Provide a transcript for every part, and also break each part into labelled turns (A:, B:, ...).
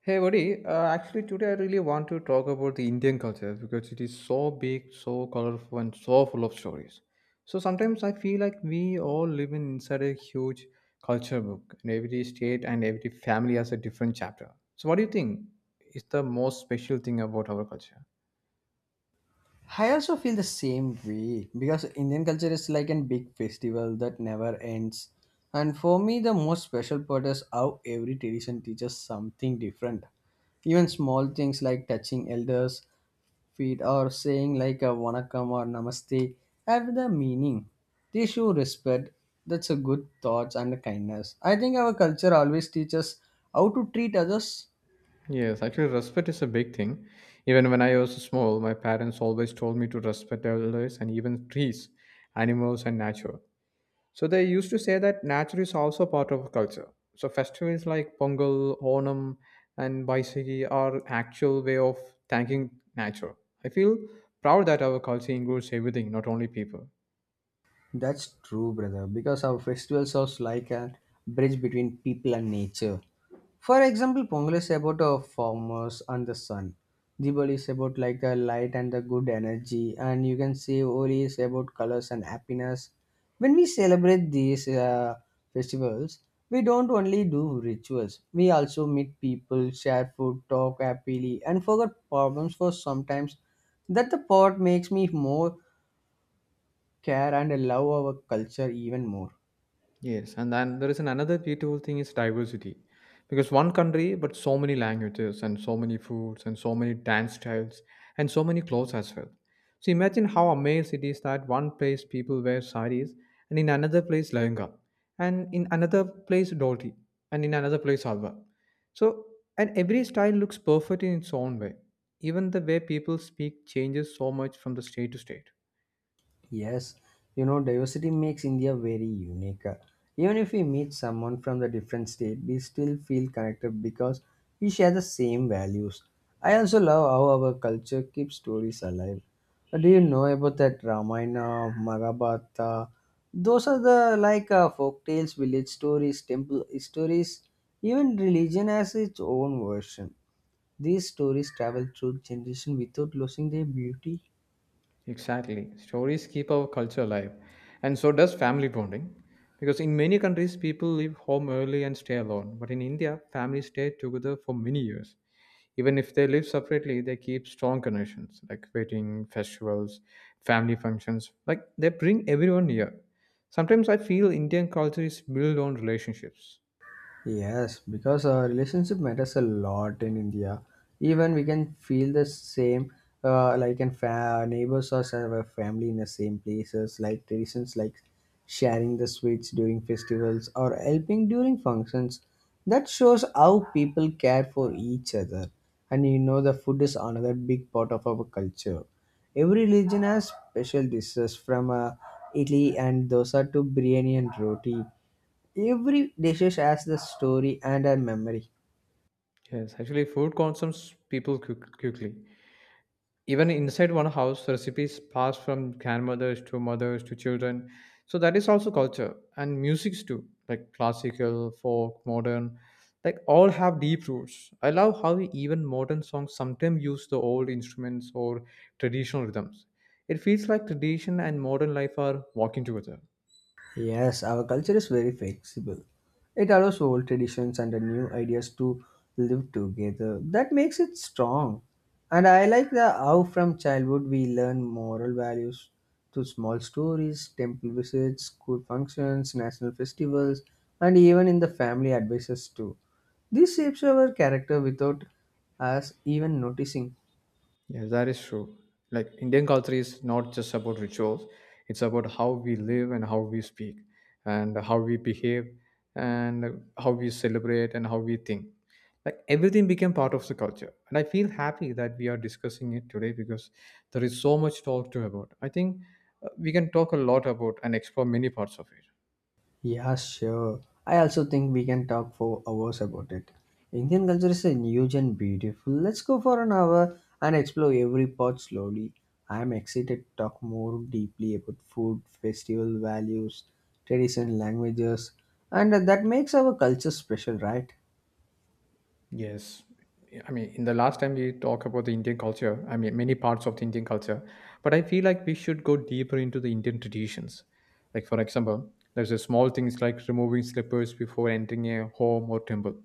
A: Hey buddy, actually today I really want to talk about the Indian culture because it is so big, so colorful, and so full of stories. So sometimes I feel like we all inside a huge culture book, and every state and every family has a different chapter. So what do you think is the most special thing about our culture?
B: I also feel the same way because Indian culture is like a big festival that never ends. And for me, the most special part is how every tradition teaches something different. Even small things like touching elders' feet or saying like a vanakkam or namaste have the meaning. They show respect. That's a good thoughts and kindness. I think our culture always teaches how to treat others.
A: Yes, actually, respect is a big thing. Even when I was small, my parents always told me to respect elders and even trees, animals, and nature. So they used to say that nature is also part of culture. So festivals like Pongal, Onam, and Baisagi are actual way of thanking nature. I feel proud that our culture includes everything, not only people.
B: That's true, brother, because our festival serves like a bridge between people and nature. For example, Pongal is about the farmers and the sun. Diwali is about like the light and the good energy, and you can say Holi is about colors and happiness. When we celebrate these festivals, we don't only do rituals. We also meet people, share food, talk happily, and forget problems for sometimes. That the part makes me more care and love our culture even more.
A: Yes, and then there is an another beautiful thing is diversity, because one country but so many languages and so many foods and so many dance styles and so many clothes as well. So imagine how amazed it is that one place people wear saris, and in another place lehenga, and in another place dhoti, and in another place halwa. So and every style looks perfect in its own way. Even the way people speak changes so much from the state to state.
B: Yes, you know, diversity makes India very unique. Even if we meet someone from the different state, we still feel connected because we share the same values. I also love how our culture keeps stories alive. Do you know about that Ramayana, Maghabharata? Those are the like folk tales, village stories, temple stories. Even religion has its own version. These stories travel through generation without losing their beauty.
A: Exactly. Stories keep our culture alive, and so does family bonding. Because in many countries, people leave home early and stay alone. But in India, families stay together for many years. Even if they live separately, they keep strong connections like wedding, festivals, family functions. Like they bring everyone near. Sometimes I feel Indian culture is built on relationships.
B: Yes, because our relationship matters a lot in India. Even we can feel the same, like in neighbors or some of our family in the same places, like traditions like sharing the sweets during festivals or helping during functions. That shows how people care for each other. And you know, the food is another big part of our culture. Every religion has special dishes from Italy and dosa to biryani and roti. Every dish has the story and a memory.
A: Yes, actually, food consumes people quickly. Even inside one house, recipes pass from grandmothers to mothers to children, so that is also culture. And musics too, like classical, folk, modern, like all have deep roots. I love how even modern songs sometimes use the old instruments or traditional rhythms. It feels like tradition and modern life are walking together.
B: Yes, our culture is very flexible. It allows old traditions and the new ideas to live together. That makes it strong. And I like the how from childhood we learn moral values to small stories, temple visits, school functions, national festivals, and even in the family advices too. This shapes our character without us even noticing.
A: Yes, that is true. Like Indian culture is not just about rituals, it's about how we live and how we speak and how we behave and how we celebrate and how we think. Like everything became part of the culture. And I feel happy that we are discussing it today because there is so much talk to about. I think we can talk a lot about and explore many parts of it.
B: Yeah, sure. I also think we can talk for hours about it. Indian culture is a huge and beautiful. Let's go for an hour and explore every part slowly. I am excited to talk more deeply about food, festival values, tradition, languages, and that makes our culture special, right?
A: Yes. I mean, in the last time we talked about the Indian culture, I mean, many parts of the Indian culture, but I feel like we should go deeper into the Indian traditions. Like, for example, there's a small things like removing slippers before entering a home or temple.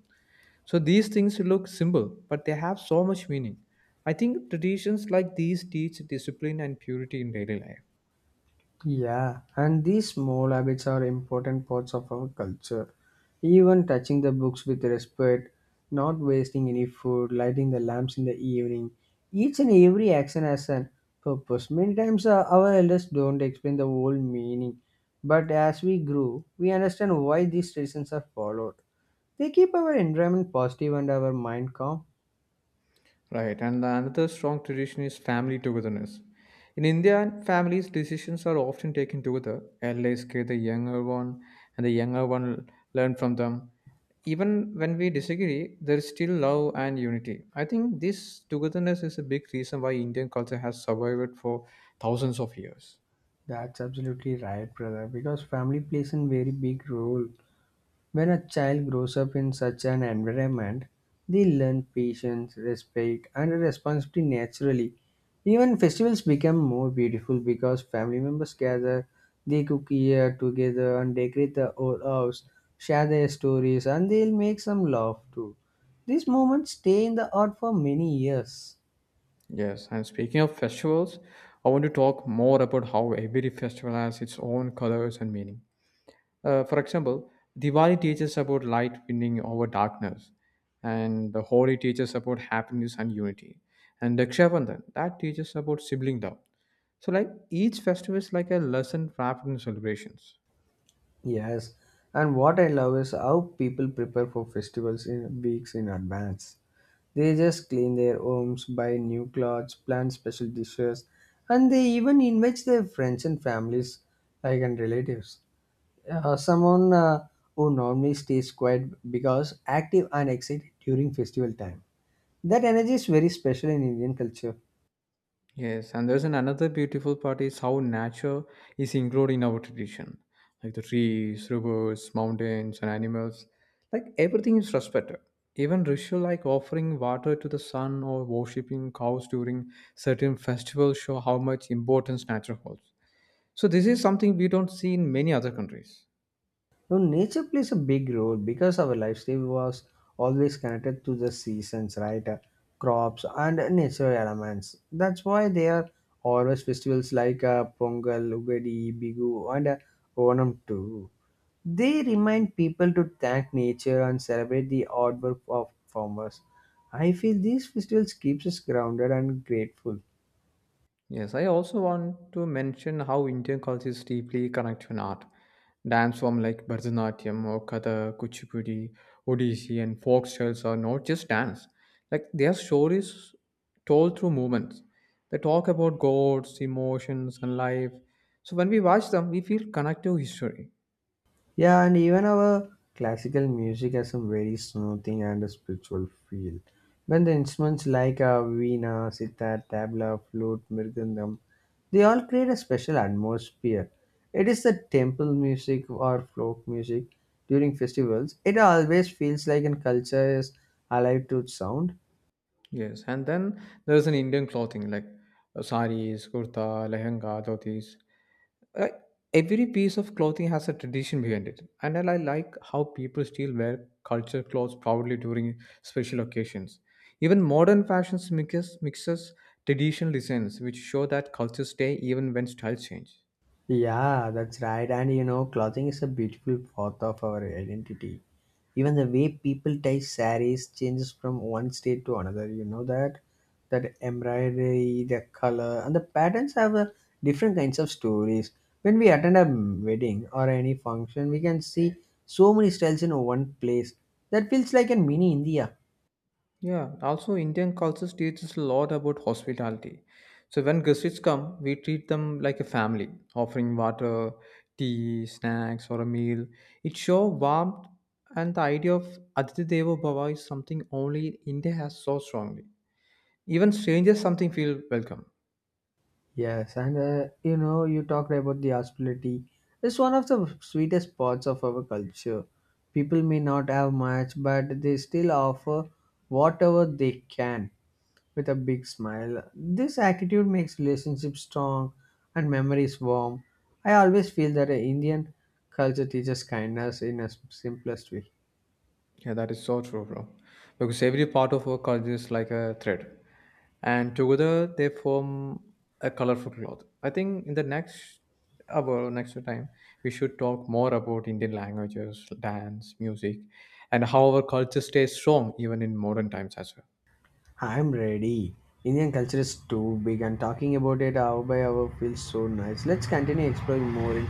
A: So these things look simple, but they have so much meaning. I think traditions like these teach discipline and purity in daily life.
B: Yeah, and these small habits are important parts of our culture. Even touching the books with respect, not wasting any food, lighting the lamps in the evening. Each and every action has a purpose. Many times our elders don't explain the whole meaning, but as we grow, we understand why these traditions are followed. They keep our environment positive and our mind calm.
A: Right, and the another strong tradition is family togetherness. In India, families' decisions are often taken together. Elders care the younger one, and the younger one learn from them. Even when we disagree, there is still love and unity. I think this togetherness is a big reason why Indian culture has survived for thousands of years.
B: That's absolutely right, brother, because family plays a very big role. When a child grows up in such an environment, they learn patience, respect, and responsibility naturally. Even festivals become more beautiful because family members gather, they cook here together and decorate the old house, share their stories, and they'll make some laugh too. These moments stay in the heart for many years.
A: Yes, and speaking of festivals, I want to talk more about how every festival has its own colors and meaning. For example, Diwali teaches about light winning over darkness, and the Holi teaches about happiness and unity, and Raksha Bandhan that teaches about sibling love. So, like each festival is like a lesson wrapped in celebrations.
B: Yes, and what I love is how people prepare for festivals in weeks in advance. They just clean their homes, buy new clothes, plan special dishes, and they even invite their friends and families, like and relatives. Someone who normally stays quiet because active and excited during festival time. That energy is very special in Indian culture.
A: Yes, and there's an another beautiful part is how nature is included in our tradition, like the trees, rivers, mountains, and animals. Like everything is respected. Even ritual like offering water to the sun or worshipping cows during certain festivals show how much importance nature holds. So this is something we don't see in many other countries.
B: No, nature plays a big role because our lifestyle was always connected to the seasons, right? Crops and nature elements. That's why there are always festivals like Pongal, Ugadi, Bigu, and Onam too. They remind people to thank nature and celebrate the hard work of farmers. I feel these festivals keeps us grounded and grateful.
A: Yes, I also want to mention how Indian culture is deeply connected to art. Dance form like Bharatanatyam or Kathak, Kuchipudi, Odissi, and folk styles are not just dance. Like their stories told through movements. They talk about gods, emotions, and life. So when we watch them, we feel connected to history.
B: Yeah, and even our classical music has some very soothing and a spiritual feel. When the instruments like a veena, sitar, tabla, flute, mridangam, they all create a special atmosphere. It is the temple music or folk music during festivals. It always feels like a culture is alive to its sound.
A: Yes, and then there's an Indian clothing like saris, kurta, lehenga, dhotis. Like every piece of clothing has a tradition behind it, and I like how people still wear culture clothes proudly during special occasions. Even modern fashions mixes traditional designs, which show that cultures stay even when styles change.
B: Yeah, that's right. And you know, clothing is a beautiful part of our identity. Even the way people tie saris changes from one state to another. You know that that embroidery, the color, and the patterns have a different kinds of stories. When we attend a wedding or any function, we can see so many styles in one place. That feels like a mini India.
A: Yeah, also Indian culture teaches a lot about hospitality. So when guests come, we treat them like a family, offering water, tea, snacks, or a meal. It shows warmth, and the idea of Aditya Deva Bhava is something only India has so strongly. Even strangers something feel welcome.
B: Yes, and you know, you talked about the hospitality. It's one of the sweetest parts of our culture. People may not have much, but they still offer whatever they can with a big smile. This attitude makes relationships strong and memories warm. I always feel that Indian culture teaches kindness in a simplest way.
A: Yeah, that is so true, bro. Because every part of our culture is like a thread, and together they form a colorful cloth. I think in the next hour, next time, we should talk more about Indian languages, dance, music, and how our culture stays strong even in modern times as well.
B: I'm ready. Indian culture is too big, and talking about it hour by hour feels so nice. Let's continue exploring more in.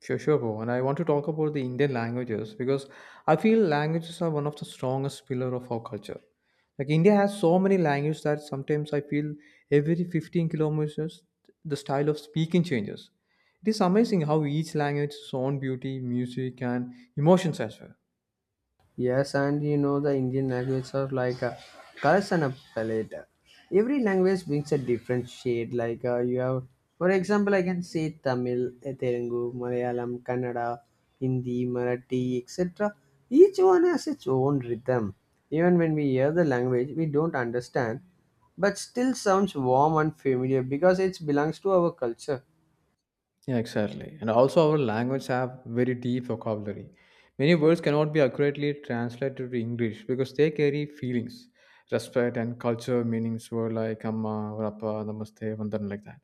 A: Sure, sure, bro. And I want to talk about the Indian languages because I feel languages are one of the strongest pillar of our culture. Like India has so many languages that sometimes I feel every 15 kilometers the style of speaking changes. It is amazing how each language has its own beauty, music, and emotions as well.
B: Yes, and you know the Indian languages are like a colors and a palette. Every language brings a different shade. Like you have, for example, I can say Tamil, eh, Telugu, Malayalam, Kannada, Hindi, Marathi, etc. Each one has its own rhythm. Even when we hear the language, we don't understand, but still sounds warm and familiar because it belongs to our culture.
A: Yeah, exactly. And also, our language have very deep vocabulary. Many words cannot be accurately translated to English because they carry feelings, respect, and culture meanings. Were like "amma" or "appa," "namaste," "vandan," like that.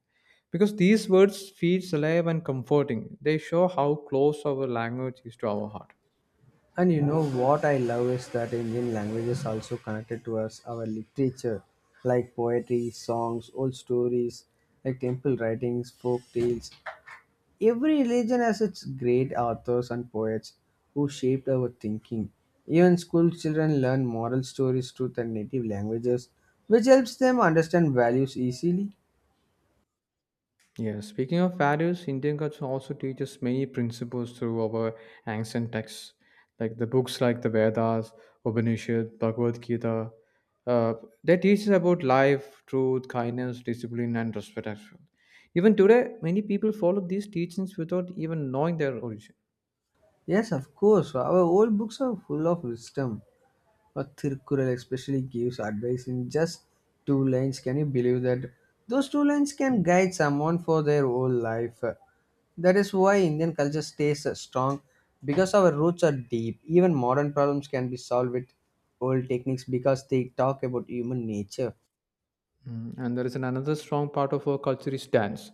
A: Because these words feels alive and comforting. They show how close our language is to our heart.
B: And you know what I love is that Indian language is also connected to us, our literature, like poetry, songs, old stories, like temple writings, folk tales. Every religion has its great authors and poets who shaped our thinking. Even school children learn moral stories through their native languages, which helps them understand values easily.
A: Yeah, speaking of values, Indian culture also teaches many principles through our ancient texts, like the books like the Vedas, Upanishad, Bhagavad Gita. Uh, they teach us about life, truth, kindness, discipline, and respect as well. Even today, many people follow these teachings without even knowing their origin.
B: Yes, of course, our old books are full of wisdom. Or Thirukkural especially gives advice in just two lines. Can you believe that? Those two lines can guide someone for their whole life. That is why Indian culture stays strong because our roots are deep. Even modern problems can be solved with old techniques because they talk about human nature.
A: Mm. And there is an another strong part of our culture is dance.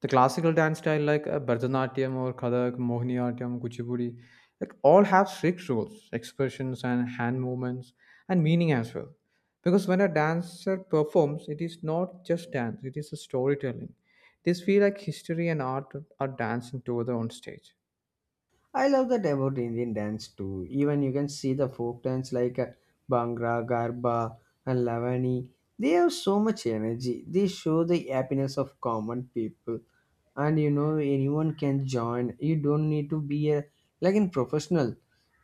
A: The classical dance style like Bharatanatyam or Kathak, Mohiniyattam, Kuchipudi, like all have strict rules, expressions and hand movements and meaning as well. Because when a dancer performs, it is not just dance; it is a storytelling. This feel like history and art are dancing together on stage.
B: I love that about Indian dance too. Even you can see the folk dance like Bhangra, Garba, and Lavani. They have so much energy. They show the happiness of common people, and you know anyone can join. You don't need to be a like in professional.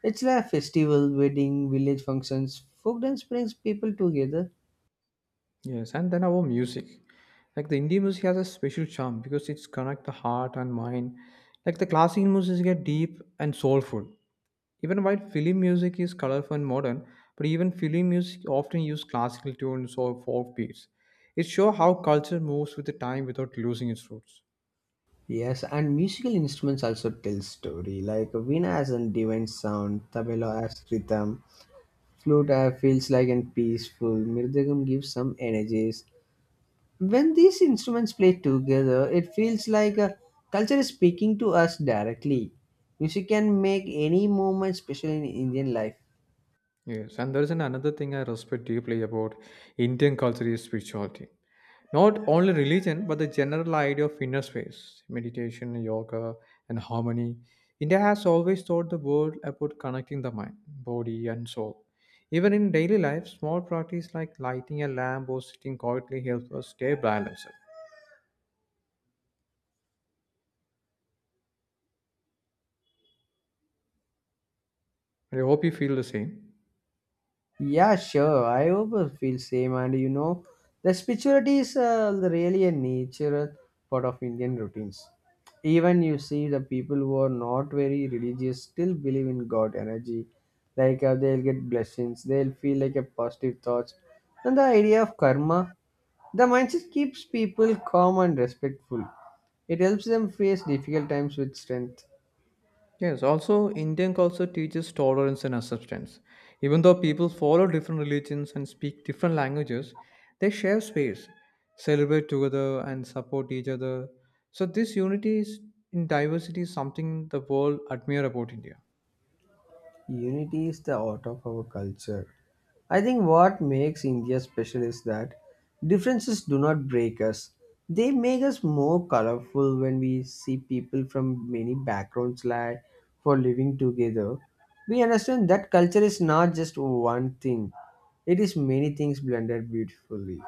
B: It's like a festival, wedding, village functions. Folk dance brings people together.
A: Yes, and then our music. Like the Indian music has a special charm because it's connect the heart and mind. Like the classical music get deep and soulful. Even while film music is colorful and modern, but even film music often use classical tunes or folk beats. It shows how culture moves with the time without losing its roots.
B: Yes, and musical instruments also tell story. Like veena has a divine sound, tabla has rhythm, flute feels like and peaceful mirdagam gives some energies. When these instruments play together, it feels like a culture is speaking to us directly. Music can make any moment special in Indian life.
A: Yes, and there is an another thing I respect deeply about Indian culture is spirituality. Not only religion, but the general idea of inner space, meditation, yoga, and harmony. India has always taught the world about connecting the mind, body, and soul. Even in daily life, small practice like lighting a lamp or sitting quietly helps us stay balanced. I hope you feel the same.
B: Yeah, sure. I also feel same, and you know, the spirituality is really a natural part of Indian routines. Even you see the people who are not very religious still believe in God energy. Like they'll get blessings, they'll feel like a positive thoughts, and the idea of karma. The mindset keeps people calm and respectful. It helps them face difficult times with strength.
A: Yes, also Indian culture teaches tolerance and acceptance. Even though people follow different religions and speak different languages, they share space, celebrate together, and support each other. So, this unity is in diversity is something the world admire about India.
B: Unity is the art of our culture. I think what makes India special is that differences do not break us. They make us more colorful when we see people from many backgrounds like for living together. We understand that culture is not just one thing. It is many things blended beautifully.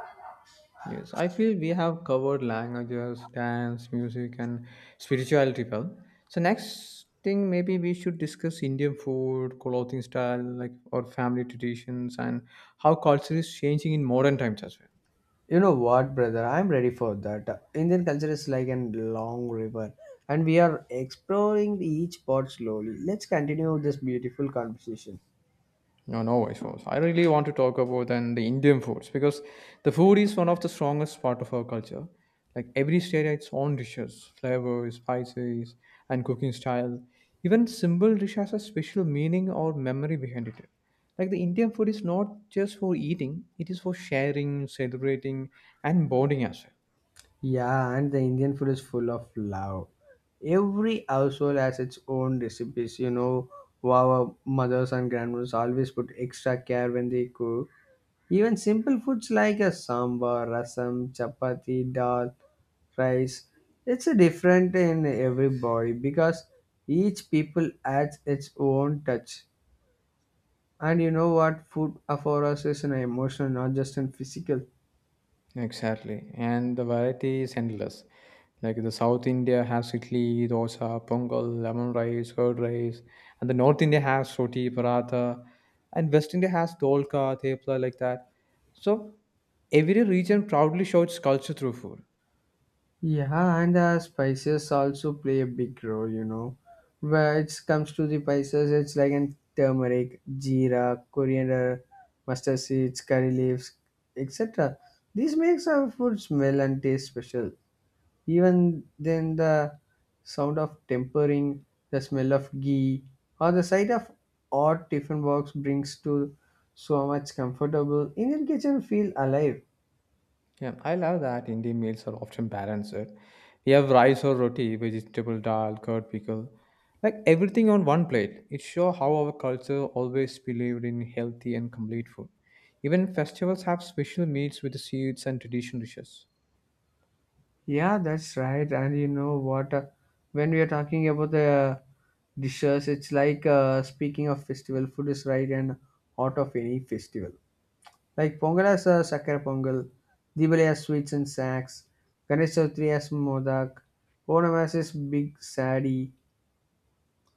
A: Yes, I feel we have covered languages, dance, music, and spirituality well. So next thing, maybe we should discuss Indian food, clothing style, like or family traditions, and how culture is changing in modern times as well.
B: You know what, brother? I'm ready for that. Indian culture is like a long river, and we are exploring each part slowly. Let's continue this beautiful conversation.
A: No, no voice was. I really want to talk about then the Indian foods because the food is one of the strongest part of our culture. Like every state has its own dishes, flavors, spices, and cooking style. Even simple dish has a special meaning or memory behind it. Like the Indian food is not just for eating; it is for sharing, celebrating, and bonding as well.
B: Yeah, and the Indian food is full of love. Every household has its own recipes. You know, our mothers and grandmothers always put extra care when they cook. Even simple foods like a sambar, rasam, chapati, dal, rice, it's a different in everybody because each people adds its own touch. And you know what? Food for us is an emotional, not just in physical.
A: Exactly, and the variety is endless. Like the South India has idli, dosa, pongal, lemon rice, curd rice, and the North India has roti, paratha, and West India has dolka, tepla, like that. So every region proudly shows its culture through food.
B: Yeah, and the spices also play a big role, you know. Where it comes to the spices, it's like in turmeric, jeera, coriander, mustard seeds, curry leaves, etc. This makes our food smell and taste special. Even then, the sound of tempering, the smell of ghee, or the sight of odd tiffin box brings to so much comfortable Indian kitchen feel alive.
A: Yeah, I love that Indian meals are often balanced, eh? You have rice or roti, vegetable dal, curd pickle, like everything on one plate. It shows how our culture always believed in healthy and complete food. Even festivals have special meals with the sweets and traditional dishes.
B: Yeah, that's right. And you know what? When we are talking about the dishes, it's like speaking of festival, food is right and out of any festival. Like Pongal has Sakar Pongal, Diwali has sweets and snacks, Ganesh Chowdhury has Modak, Onam has his big sadi.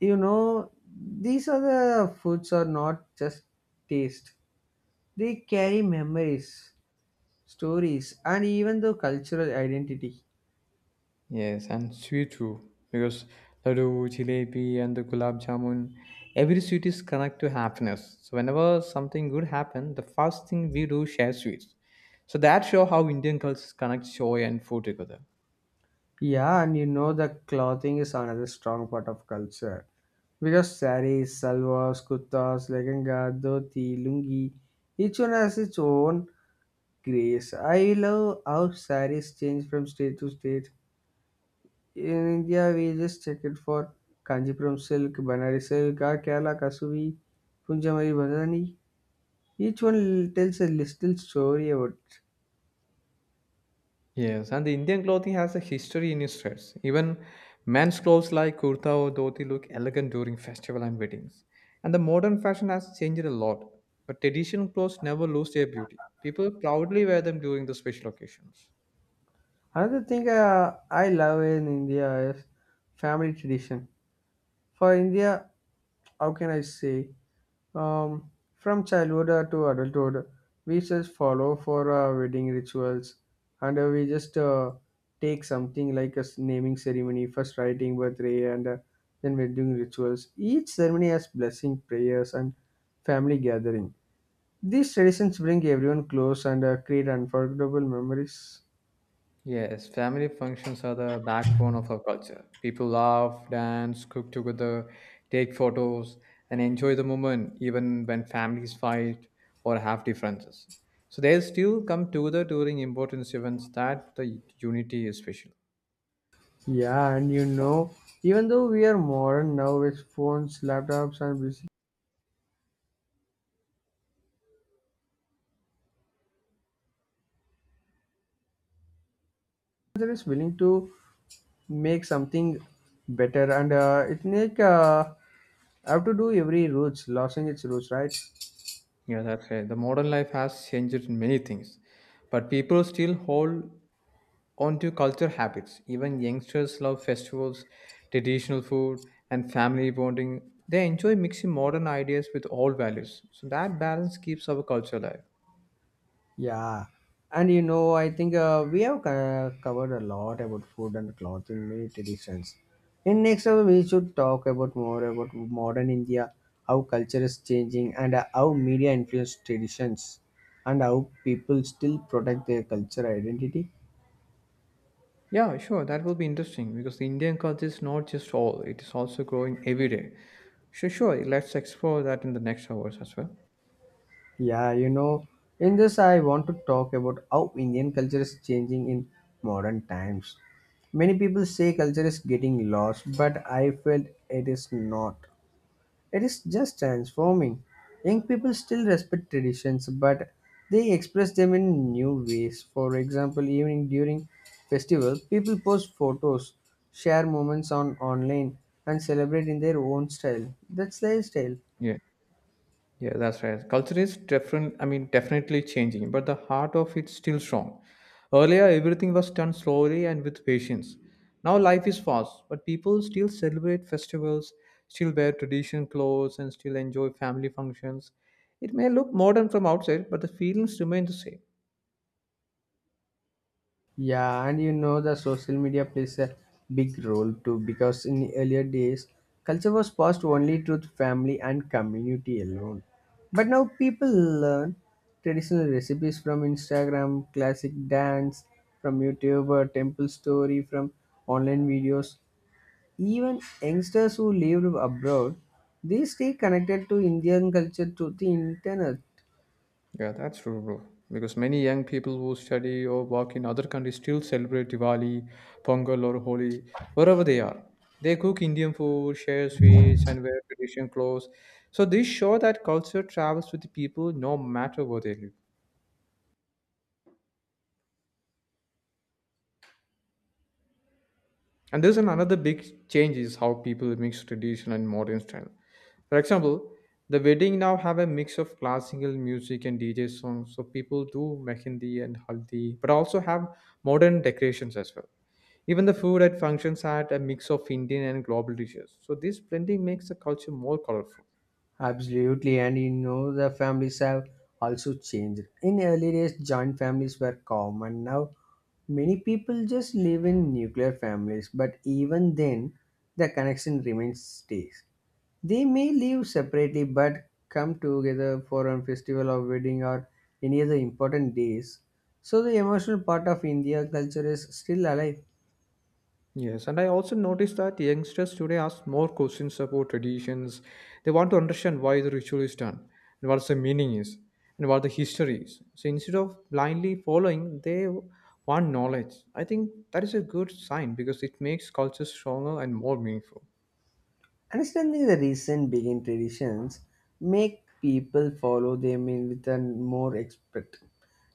B: You know, these are the foods are not just taste. They carry memories, stories, and even the cultural identity.
A: Yes, and sweet too, because laddu, jalebi, and the gulab jamun, every sweet is connected to happiness. So whenever something good happens, the first thing we do share sweets. So that show how Indian cultures connect joy and food together.
B: Yeah, and you know the clothing is another strong part of culture. Because saris, salwars, kurtas, lehenga, dhoti, lungi, each one has its own grace. I love how saris change from state to state. In India, we just check it for Kanjipuram silk, Banarasi silk, or Kerala Kasuri, Punjabari Bandhani. Each one tells a little story about it.
A: Yes, and the Indian clothing has a history in its dress. Even men's clothes like kurta or dhoti look elegant during festival and weddings. And the modern fashion has changed a lot, but traditional clothes never lose their beauty. People proudly wear them during the special occasions.
B: Another thing I love in India is family tradition for India, how can I say? From childhood to adulthood, we just follow for wedding rituals, and we just take something like a naming ceremony, first writing birthday, and then wedding rituals. Each ceremony has blessing, prayers, and family gathering. These traditions bring everyone close and create unforgettable memories.
A: Yes, family functions are the backbone of our culture. People laugh, dance, cook together, take photos, and enjoy the moment even when families fight or have differences. So they still come together during important events that the unity is special.
B: Yeah, and you know, even though we are modern now with phones, laptops, and busy manager is willing to make something better and it make I have to do every roots losing its roots, right?
A: Yeah, that's right. The modern life has changed in many things, but people still hold onto culture habits. Even youngsters love festivals, traditional food, and family bonding. They enjoy mixing modern ideas with old values. So that balance keeps our culture alive.
B: Yeah, and you know, I think we have covered a lot about food and clothing, many traditions. In next hour, we should talk about more about modern India, how culture is changing, and how media influence traditions, and how people still protect their culture identity.
A: Yeah, sure, that will be interesting because the Indian culture is not just all, it is also growing every day. So, sure, let's explore that in the next hours as well.
B: Yeah, you know, in this, I want to talk about how Indian culture is changing in modern times. Many people say culture is getting lost, but I felt it is not. It is just transforming. Young people still respect traditions, but they express them in new ways. For example, even during festivals, people post photos, share moments on online, and celebrate in their own style. That's lifestyle.
A: Yeah. Yeah, that's right. Culture is different. I mean, definitely changing, but the heart of it's still strong. Earlier, everything was done slowly and with patience. Now, life is fast, but people still celebrate festivals, still wear traditional clothes, and still enjoy family functions. It may look modern from outside, but the feelings remain the same.
B: Yeah, and you know the social media plays a big role too, because in the earlier days, culture was passed only to the family and community alone. But now people learn traditional recipes from Instagram, classic dance from YouTube, temple story from online videos. Even youngsters who lived abroad, they stay connected to Indian culture through the internet.
A: Yeah, that's true, bro. Because many young people who study or work in other countries still celebrate Diwali, Pongal, or Holi, wherever they are. They cook Indian food, share sweets, and wear traditional clothes. So this show that culture travels with the people no matter where they live. And another big change is how people mix traditional and modern style. For example, the wedding now have a mix of classical music and DJ songs. So people do mehendi and haldi, but also have modern decorations as well. Even the food at functions had a mix of Indian and global dishes. So this blending makes the culture more colorful.
B: Absolutely, and you know the families have also changed. In early days, joint families were common. Now, many people just live in nuclear families, but even then, the connection remains stays. They may live separately but come together for a festival or wedding or any other important days. So the emotional part of India culture is still alive.
A: Yes, and I also noticed that youngsters today ask more questions about traditions. They want to understand why the ritual is done and what the meaning is and what the history is. So instead of blindly following, they want knowledge. I think that is a good sign because it makes culture stronger and more meaningful.
B: Understanding the recent vegan traditions make people follow them in with a more expert.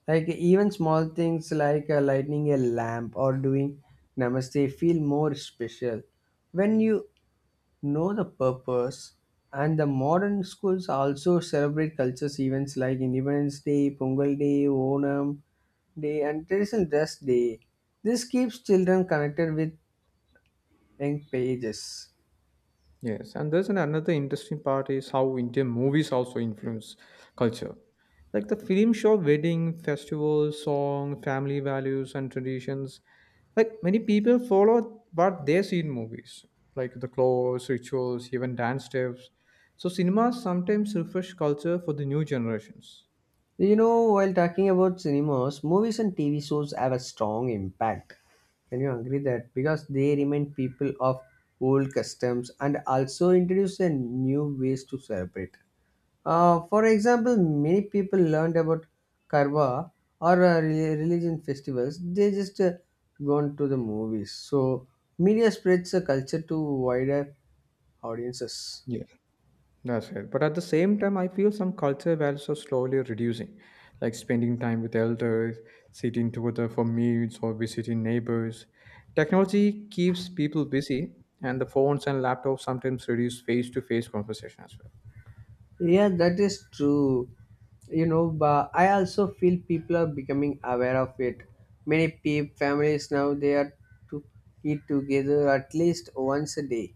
B: Like even small things like lighting a lamp or doing namaste feel more special when you know the purpose. And the modern schools also celebrate cultures events like Independence Day, Pongal Day, Onam Day, and Traditional Dress Day. This keeps children connected with young pages.
A: Yes, and another interesting part is how Indian movies also influence culture. Like the film show wedding, festivals, song, family values and traditions. Like many people follow what they see in movies, like the clothes, rituals, even dance steps. So cinema sometimes refresh culture for the new generations.
B: You know, while talking about cinemas, movies and TV shows have a strong impact. Can you agree that? Because they remind people of old customs and also introduce a new ways to celebrate. For example, many people learned about Karwa or religion festivals. They just gone to the movies. So media spreads the culture to wider audiences.
A: Yeah. That's right. But at the same time, I feel some cultural values are slowly reducing, like spending time with elders, sitting together for meals, or visiting neighbors. Technology keeps people busy, and the phones and laptops sometimes reduce face to face conversation as well.
B: Yeah, that is true. You know, but I also feel people are becoming aware of it. Many people, families now they are to eat together at least once a day.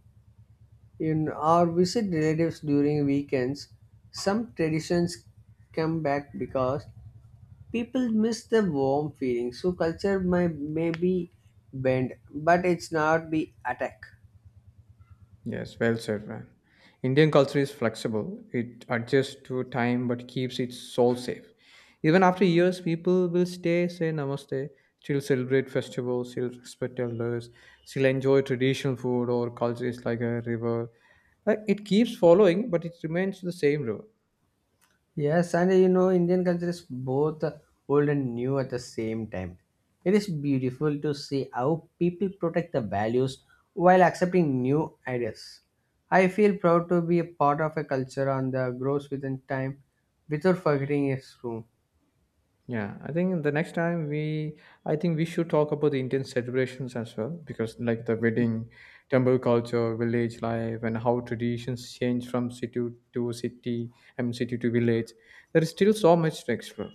B: In or visit relatives during weekends. Some traditions come back because people miss the warm feeling. So culture may be bent, but it's not be attack.
A: Yes, well said, man. Indian culture is flexible. It adjusts to time but keeps its soul safe. Even after years, people will stay, say namaste, still celebrate festivals, still respect elders, still enjoy traditional food or culture is like a river. Like it keeps following, but it remains the same river.
B: Yes, and you know, Indian culture is both old and new at the same time. It is beautiful to see how people protect the values while accepting new ideas. I feel proud to be a part of a culture on the grows within time without forgetting its room.
A: Yeah, I think the next time we, I think we should talk about the Indian celebrations as well, because like the wedding, temple culture, village life, and how traditions change from city to city, I mean city to village. There is still so much to explore.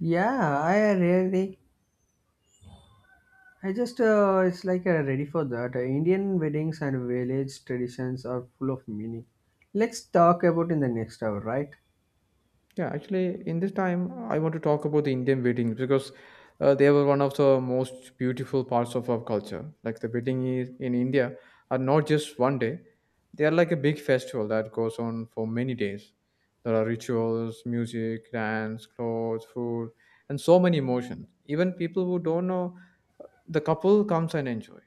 B: Yeah, I really, I just, it's like ready for that. Indian weddings and village traditions are full of meaning. Let's talk about in the next hour, right?
A: Yeah, actually, in this time, I want to talk about the Indian weddings because they were one of the most beautiful parts of our culture. Like the wedding is, in India are not just one day; they are like a big festival that goes on for many days. There are rituals, music, dance, clothes, food, and so many emotions. Even people who don't know the couple comes and enjoy.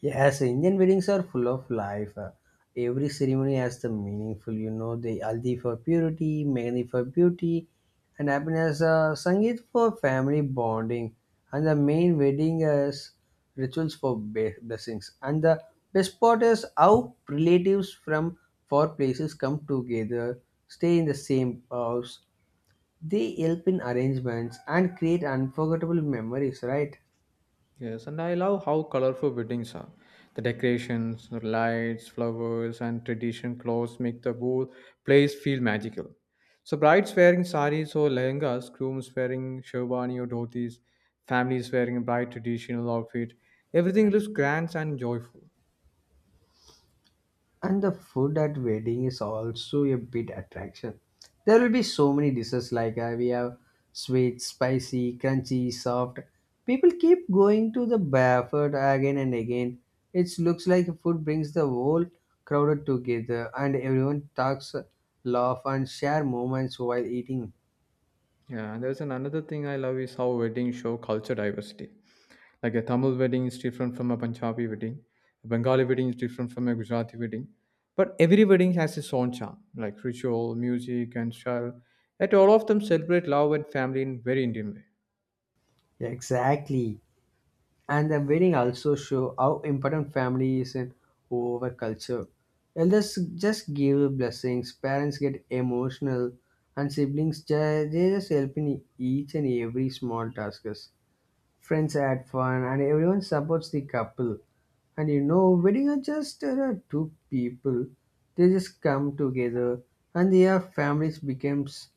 B: Yes, Indian weddings are full of life. Every ceremony has the meaningful, you know, the Aldi for purity, Mehndi for beauty, and happiness, Sangeet for family bonding, and the main wedding is rituals for blessings. And the best part is how relatives from four places come together, stay in the same house, they help in arrangements and create unforgettable memories, right?
A: Yes, and I love how colorful weddings are. The decorations, the lights, flowers, and tradition clothes make the whole place feel magical. So, brides wearing saris or lehengas, grooms wearing sherwani or dhotis, families wearing a bright traditional outfit. Everything looks grand and joyful.
B: And the food at wedding is also a big attraction. There will be so many dishes like we have sweet, spicy, crunchy, soft. People keep going to the buffet again and again. It looks like food brings the whole crowd together and everyone talks, laugh and share moments while eating.
A: Yeah, and another thing I love is how weddings show culture diversity. Like a Tamil wedding is different from a Punjabi wedding. A Bengali wedding is different from a Gujarati wedding. But every wedding has its own charm, like ritual, music, and style. Yet all of them celebrate love and family in very Indian way.
B: Exactly. And the wedding also show how important family is in our culture. Elders just give blessings, parents get emotional, and siblings they just help in each and every small tasks. Friends had fun, and everyone supports the couple. And you know, wedding are just two people. They just come together, and their families becomes.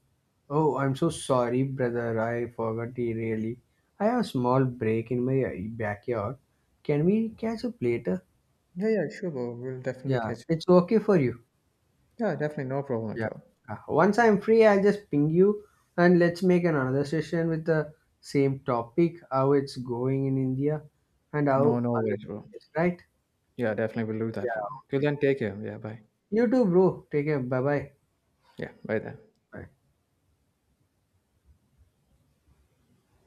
B: Oh, I'm so sorry, brother. I forgot it really. I have a small break in my backyard. Can we catch up later?
A: Yeah, yeah, sure, bro. We'll definitely
B: Yeah,
A: catch up.
B: it's okay for
A: Yeah,
B: you.
A: yeah, definitely, no problem at
B: Yeah.
A: all.
B: Once I'm free, I'll just ping you and let's make another session with the same topic, how it's going in India and
A: No,
B: how
A: no
B: other
A: worries, bro.
B: things, right?
A: Yeah, definitely, we'll do that,
B: Yeah,
A: bro. Till
B: okay.
A: then, take care. Yeah, bye.
B: You too, bro. Take care. Bye-bye.
A: Yeah, bye then.
B: Bye.